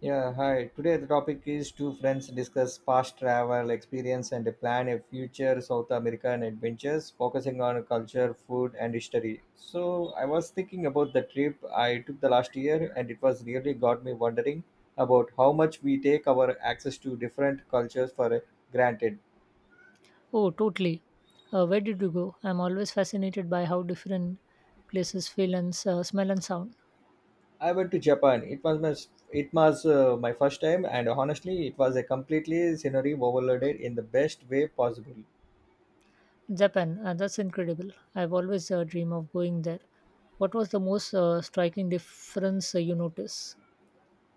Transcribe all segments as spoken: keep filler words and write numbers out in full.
Yeah, hi. Today the topic is two friends discuss past travel experience and plan a future South American adventures, focusing on culture, food, and history. So I was thinking about the trip I took the last year, and it was really got me wondering about how much we take our access to different cultures for granted. Oh, totally. Uh, where did you go? I'm always fascinated by how different places feel and s- uh, smell and sound. I went to Japan. It was my it was uh, my first time, and honestly, it was a completely scenery overloaded in the best way possible. Japan, uh, that's incredible. I've always uh, dreamed of going there. What was the most uh, striking difference uh, you noticed?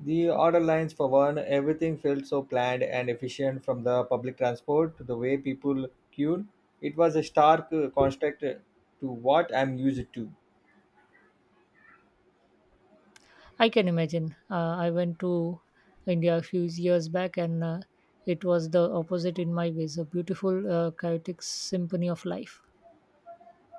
The order lines for one, everything felt so planned and efficient from the public transport to the way people queued. It was a stark uh, contrast uh, to what I'm used to. I can imagine. Uh, I went to India a few years back and uh, it was the opposite in my ways a beautiful, uh, chaotic symphony of life.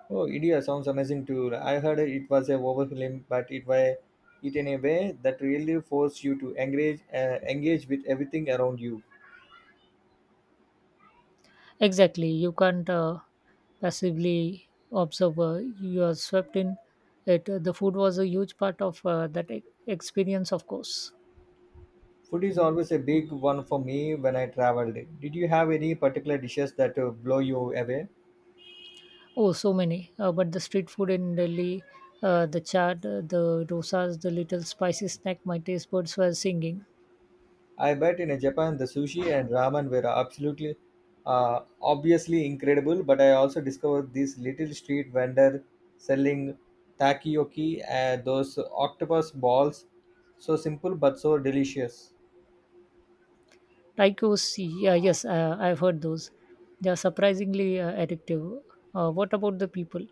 Oh, India sounds amazing too. I heard it was a overwhelming, but it was it in a way that really forced you to engage uh, engage with everything around you. Exactly. You can't uh, passively observe. Uh, you are swept in it. The food was a huge part of uh, that e- experience, of course. Food is always a big one for me when I traveled. Did you have any particular dishes that uh, blow you away? Oh, so many. Uh, but the street food in Delhi, uh, the chaat, uh, the dosas, the little spicy snack, my taste buds were singing. I bet in Japan the sushi and ramen were absolutely uh, obviously incredible, but I also discovered this little street vendor selling takoyaki and those octopus balls. So simple but so delicious. Tacos, yeah, yes, uh, I've heard those. They are surprisingly uh, addictive. Uh, what about the people?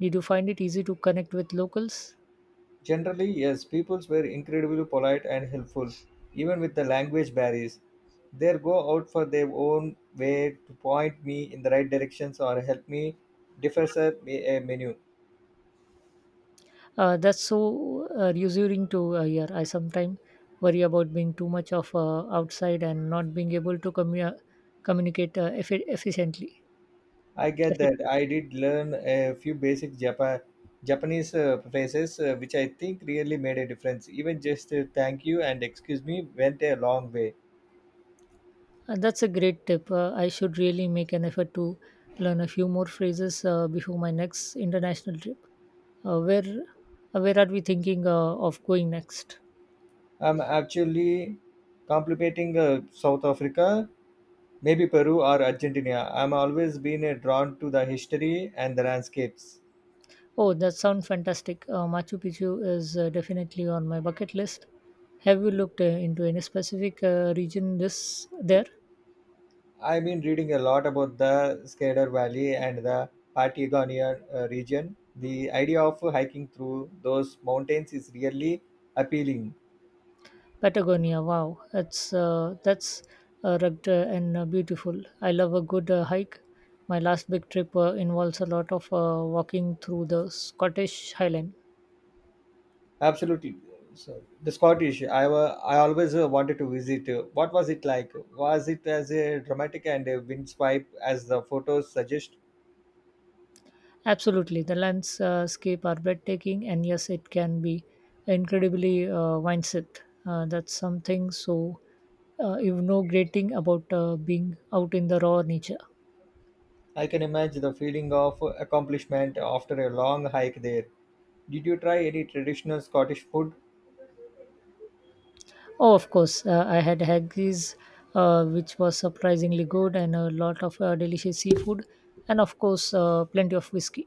Did you find it easy to connect with locals? Generally, yes, peoples were incredibly polite and helpful, even with the language barriers. They go out for their own way to point me in the right directions or help me decipher a menu. Uh, that's so uh, reassuring to uh, hear. I sometimes worry about being too much of uh, outside and not being able to commu- communicate uh, effi- efficiently. I get that. Effectively. I did learn a few basic Japan Japanese uh, phrases, uh, which I think really made a difference. Even just uh, thank you and excuse me went a long way. Uh, that's a great tip. Uh, I should really make an effort to learn a few more phrases uh, before my next international trip. Uh, where uh, where are we thinking uh, of going next? I'm actually contemplating uh, South Africa, maybe Peru or Argentina. I'm always been uh, drawn to the history and the landscapes. Oh, that sounds fantastic. Uh, Machu Picchu is uh, definitely on my bucket list. Have you looked uh, into any specific uh, region this there? I've been reading a lot about the Scader Valley and the Patagonia uh, region. The idea of hiking through those mountains is really appealing. Patagonia. Wow, that's uh, that's uh, rugged uh, and uh, beautiful. I love a good uh, hike. My last big trip uh, involves a lot of uh, walking through the Scottish Highland. Absolutely. So the Scottish, I wa- I always uh, wanted to visit. Uh, What was it like? Was it as uh, dramatic and uh, windswipe as the photos suggest? Absolutely, the landscape are breathtaking, and yes, it can be incredibly uh, mindset. Uh, that's something so uh, you know, great thing about uh, being out in the raw nature. I can imagine the feeling of accomplishment after a long hike there. Did you try any traditional Scottish food? Oh, of course. Uh, I had haggis, uh, which was surprisingly good, and a lot of uh, delicious seafood, and of course, uh, plenty of whiskey.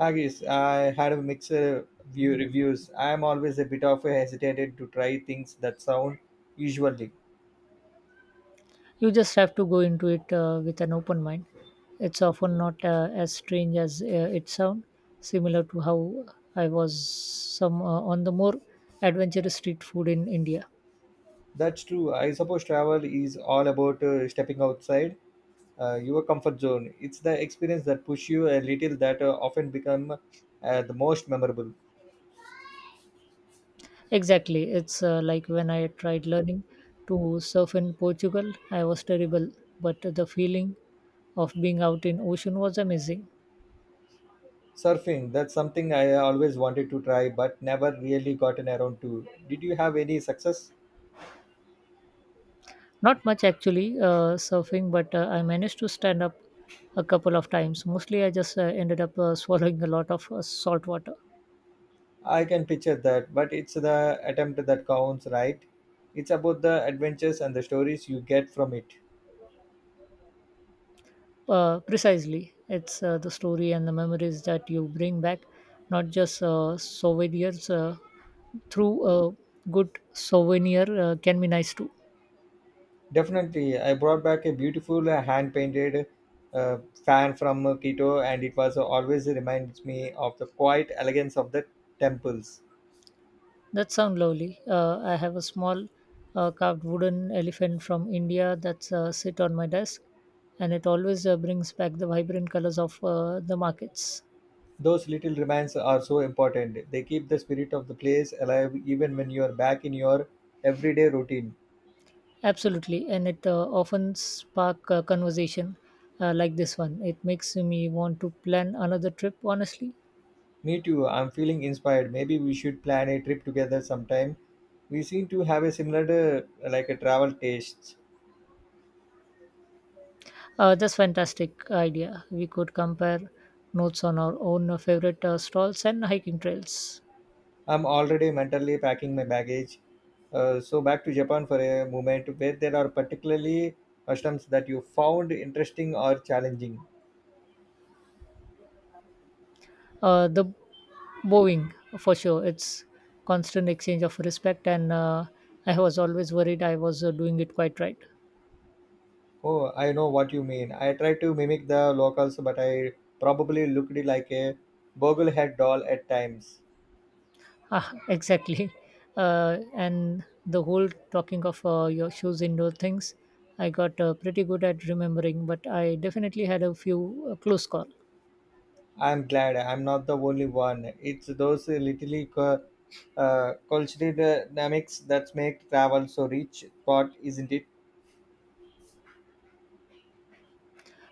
Haggis. I had a mixed uh, view reviews. I am always a bit of a hesitated to try things that sound usually. You just have to go into it uh, with an open mind. It's often not uh, as strange as uh, it sounds, similar to how I was some uh, on the more adventurous street food in India. That's true. I suppose travel is all about uh, stepping outside uh, your comfort zone. It's the experience that push you a little that uh, often become uh, the most memorable. Exactly. It's uh, like when I tried learning to surf in Portugal, I was terrible, but the feeling of being out in ocean was amazing. Surfing, that's something I always wanted to try but never really gotten around to. Did you have any success? Not much actually, uh, surfing, but uh, I managed to stand up a couple of times. Mostly, I just uh, ended up uh, swallowing a lot of uh, salt water. I can picture that, but it's the attempt that counts, right? It's about the adventures and the stories you get from it. Uh, precisely, it's uh, the story and the memories that you bring back, not just uh, souvenirs. Uh, through a good souvenir uh, can be nice too. Definitely, I brought back a beautiful uh, hand painted uh, fan from uh, Quito, and it was uh, always reminds me of the quiet elegance of the temples. That sounds lovely. Uh, I have a small uh, carved wooden elephant from India that's uh, sit on my desk, and it always uh, brings back the vibrant colors of uh, the markets. Those little remnants are so important. They keep the spirit of the place alive even when you're back in your everyday routine. Absolutely, and it uh, often spark a conversation uh, like this one. It makes me want to plan another trip. Honestly, Me too, I'm feeling inspired. Maybe we should plan a trip together sometime. We seem to have a similar uh, like a travel tastes. uh, that's fantastic idea. We could compare notes on our own uh, favorite uh, stalls and hiking trails. I'm already mentally packing my baggage. Uh, so back to Japan for a moment where there are particularly customs that you found interesting or challenging. Uh, the bowing for sure. It's constant exchange of respect, and uh, I was always worried I was uh, doing it quite right. Oh, I know what you mean. I tried to mimic the locals, but I probably looked like a boglehead doll at times. Ah, exactly. Uh, and the whole talking of uh, your shoes indoor things, I got uh, pretty good at remembering, but I definitely had a few uh, close call. I'm glad I'm not the only one. It's those little cu- uh, cultural dynamics that make travel so rich, thought, isn't it?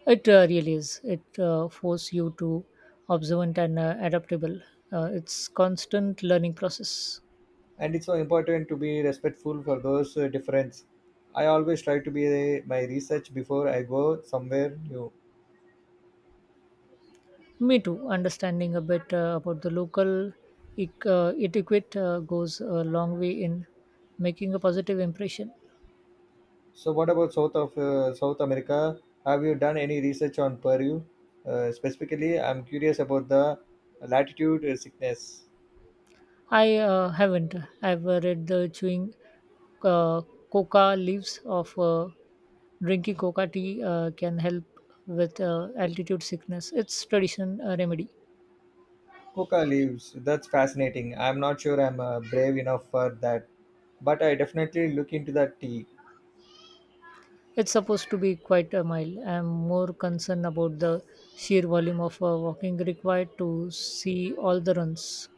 It uh, really is. It uh, force you to observant and uh, adaptable. Uh, it's constant learning process. And it's so important to be respectful for those uh, difference. I always try to be uh, my research before I go somewhere new. Me too. Understanding a bit uh, about the local ec- uh, etiquette uh, goes a long way in making a positive impression. So, what about South of uh, South America? Have you done any research on Peru? Uh, specifically, I'm curious about the latitude uh, sickness. I uh, haven't. I've uh, read the chewing uh, coca leaves of uh, drinking coca tea uh, can help with uh, altitude sickness. It's tradition uh, remedy. Coca leaves. That's fascinating. I'm not sure I'm uh, brave enough for that, but I definitely look into that tea. It's supposed to be quite a mild. I'm more concerned about the sheer volume of uh, walking required to see all the runs.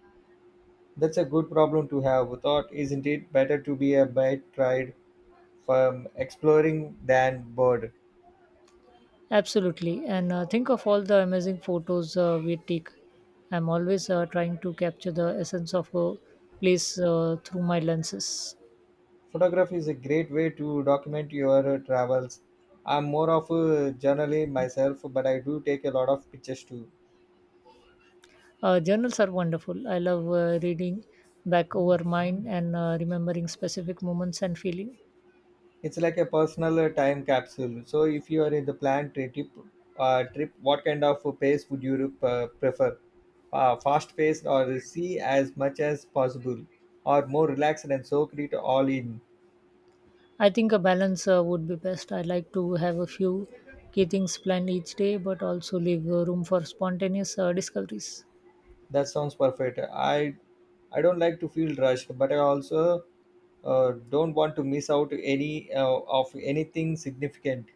That's a good problem to have. Thought, isn't it better to be a bit tried from exploring than bored? Absolutely, and uh, think of all the amazing photos uh, we take. I'm always uh, trying to capture the essence of a place uh, through my lenses. Photography is a great way to document your uh, travels. I'm more of a journaler myself, but I do take a lot of pictures too. Uh, journals are wonderful. I love uh, reading back over mine and uh, remembering specific moments and feeling. It's like a personal uh, time capsule. So if you are in the planned tri- trip uh, trip, what kind of uh, pace would you uh, prefer, uh, fast paced or see as much as possible, or more relaxed and soak it all in? I think a balance uh, would be best. I like to have a few key things planned each day, but also leave uh, room for spontaneous uh, discoveries. That sounds perfect. I I don't like to feel rushed, but I also uh, don't want to miss out any uh, of anything significant.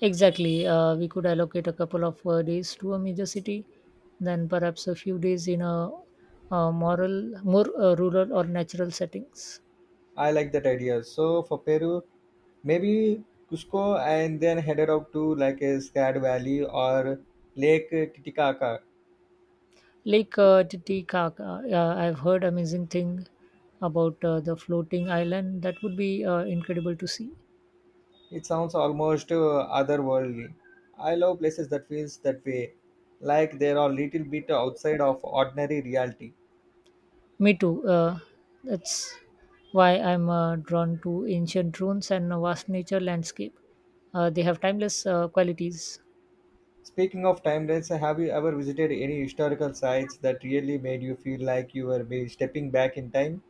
Exactly. Uh, we could allocate a couple of uh, days to a major city, then perhaps a few days in a, uh moral, more uh, rural or natural settings. I like that idea. So for Peru, maybe Cusco, and then headed out to like a Scad Valley or Lake Titicaca. Lake uh, Titicaca. Yeah, I've heard amazing thing about uh, the floating island. That would be uh, incredible to see. It sounds almost uh, otherworldly. I love places that feels that way, like they are a little bit outside of ordinary reality. Me too. Uh, that's why I'm uh, drawn to ancient ruins and a vast nature landscape. Uh, they have timeless uh, qualities. Speaking of timelines, have you ever visited any historical sites that really made you feel like you were be stepping back in time?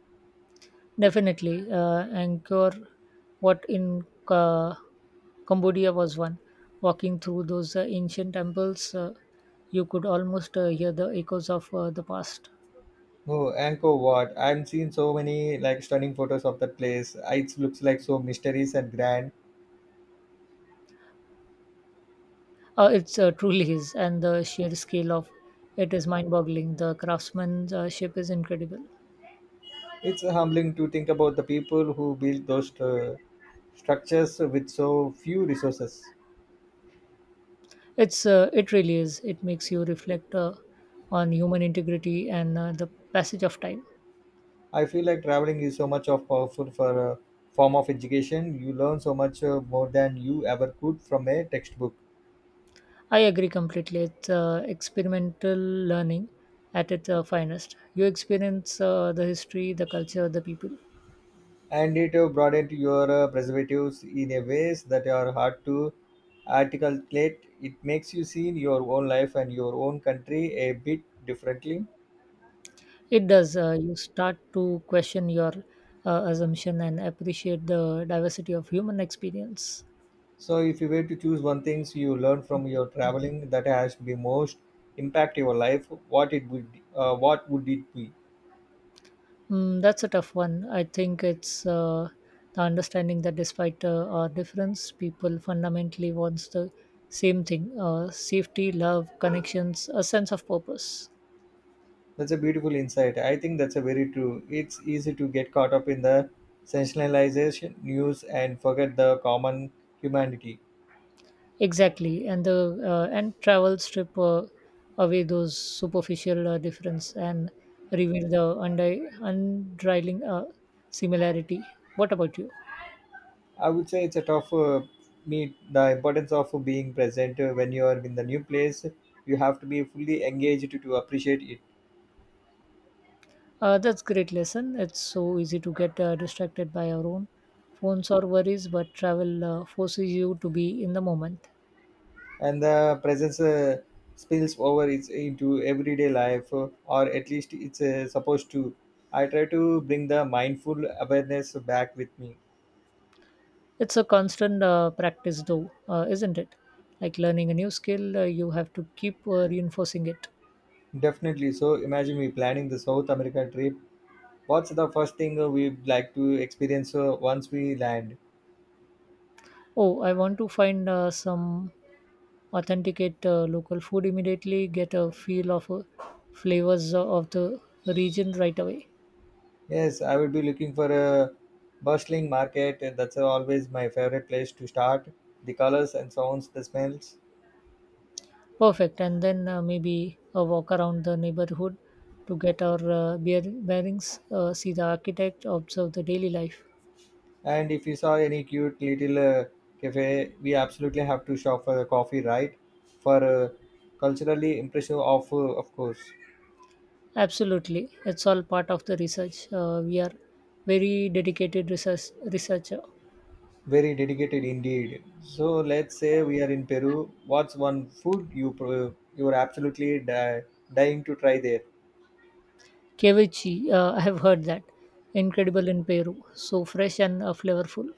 Definitely, uh, Angkor, what in uh, Cambodia was one. Walking through those uh, ancient temples, uh, you could almost uh, hear the echoes of uh, the past. Oh, Angkor Wat. I have seen so many like stunning photos of that place. It looks like so mysterious and grand. Uh, it's uh, truly is, and the sheer scale of it is mind-boggling. The craftsmanship is incredible. It's humbling to think about the people who built those uh, structures with so few resources. It's uh, it really is. It makes you reflect uh, on human integrity and uh, the passage of time. I feel like traveling is so much of powerful for a form of education. You learn so much uh, more than you ever could from a textbook. I agree completely. It's uh, experimental learning at its uh, finest. You experience uh, the history, the culture, the people. And it uh, broadened your uh, perspectives in a ways that are hard to articulate. It makes you see your own life and your own country a bit differently. It does. Uh, you start to question your uh, assumption and appreciate the diversity of human experience. So, if you were to choose one thing you learned from your traveling that has been most impact your life, what it would, uh, what would it be? Mm, that's a tough one. I think it's uh, the understanding that despite uh, our difference, people fundamentally wants the same thing: uh, safety, love, connections, a sense of purpose. That's a beautiful insight. I think that's a very true. It's easy to get caught up in the sensationalization news and forget the common humanity. Exactly, and the uh, and travel strip uh, away those superficial uh, difference and reveal the undi- unrivaling uh, similarity. What about you? I would say it's a tough uh, meet the importance of being present uh, when you are in the new place. You have to be fully engaged to, to appreciate it, Uh, that's great lesson. It's so easy to get uh, distracted by our own phones or worries, but travel uh, forces you to be in the moment. and the presence uh, spills over it's into everyday life, uh, or at least it's uh, supposed to. I try to bring the mindful awareness back with me. It's a constant uh, practice, though, uh, isn't it? Like learning a new skill, uh, you have to keep uh, reinforcing it. Definitely. So imagine we planning the South America trip. What's the first thing uh, we'd like to experience uh, once we land? Oh, I want to find uh, some authenticate uh, local food immediately, get a feel of uh, flavors of the region right away. Yes, I would be looking for a bustling market. That's always my favorite place to start. The colors and sounds, the smells. Perfect. And then uh, maybe a walk around the neighborhood to get our uh, bear- bearings, uh, see the architect, observe the daily life. And if you saw any cute little uh, cafe, we absolutely have to shop for a coffee, right? For uh, culturally impressive of uh, of course. Absolutely. It's all part of the research. Uh, we are very dedicated research researcher. Very dedicated indeed. So let's say we are in Peru. What's one food you pro- you are absolutely di- dying to try there? Ceviche, uh, I have heard that. Incredible in Peru. So fresh and uh, flavorful.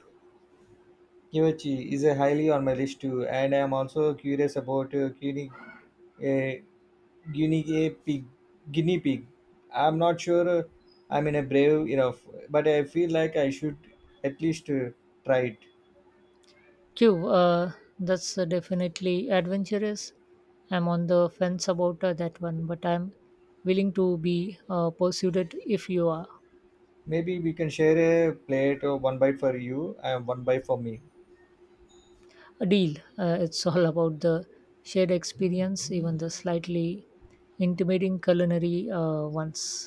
Kimachi is a highly on my list too, and I am also curious about uh, cuisine a guinea a pig guinea pig. I'm not sure, uh, I'm in a brave enough, but I feel like I should at least uh, try it. Q, uh, that's uh, definitely adventurous. I'm on the fence about uh, that one, but I'm willing to be uh, pursued if you are. Maybe we can share a plate, or one bite for you and one bite for me. Deal. Uh, it's all about the shared experience, even the slightly intimidating culinary uh, ones.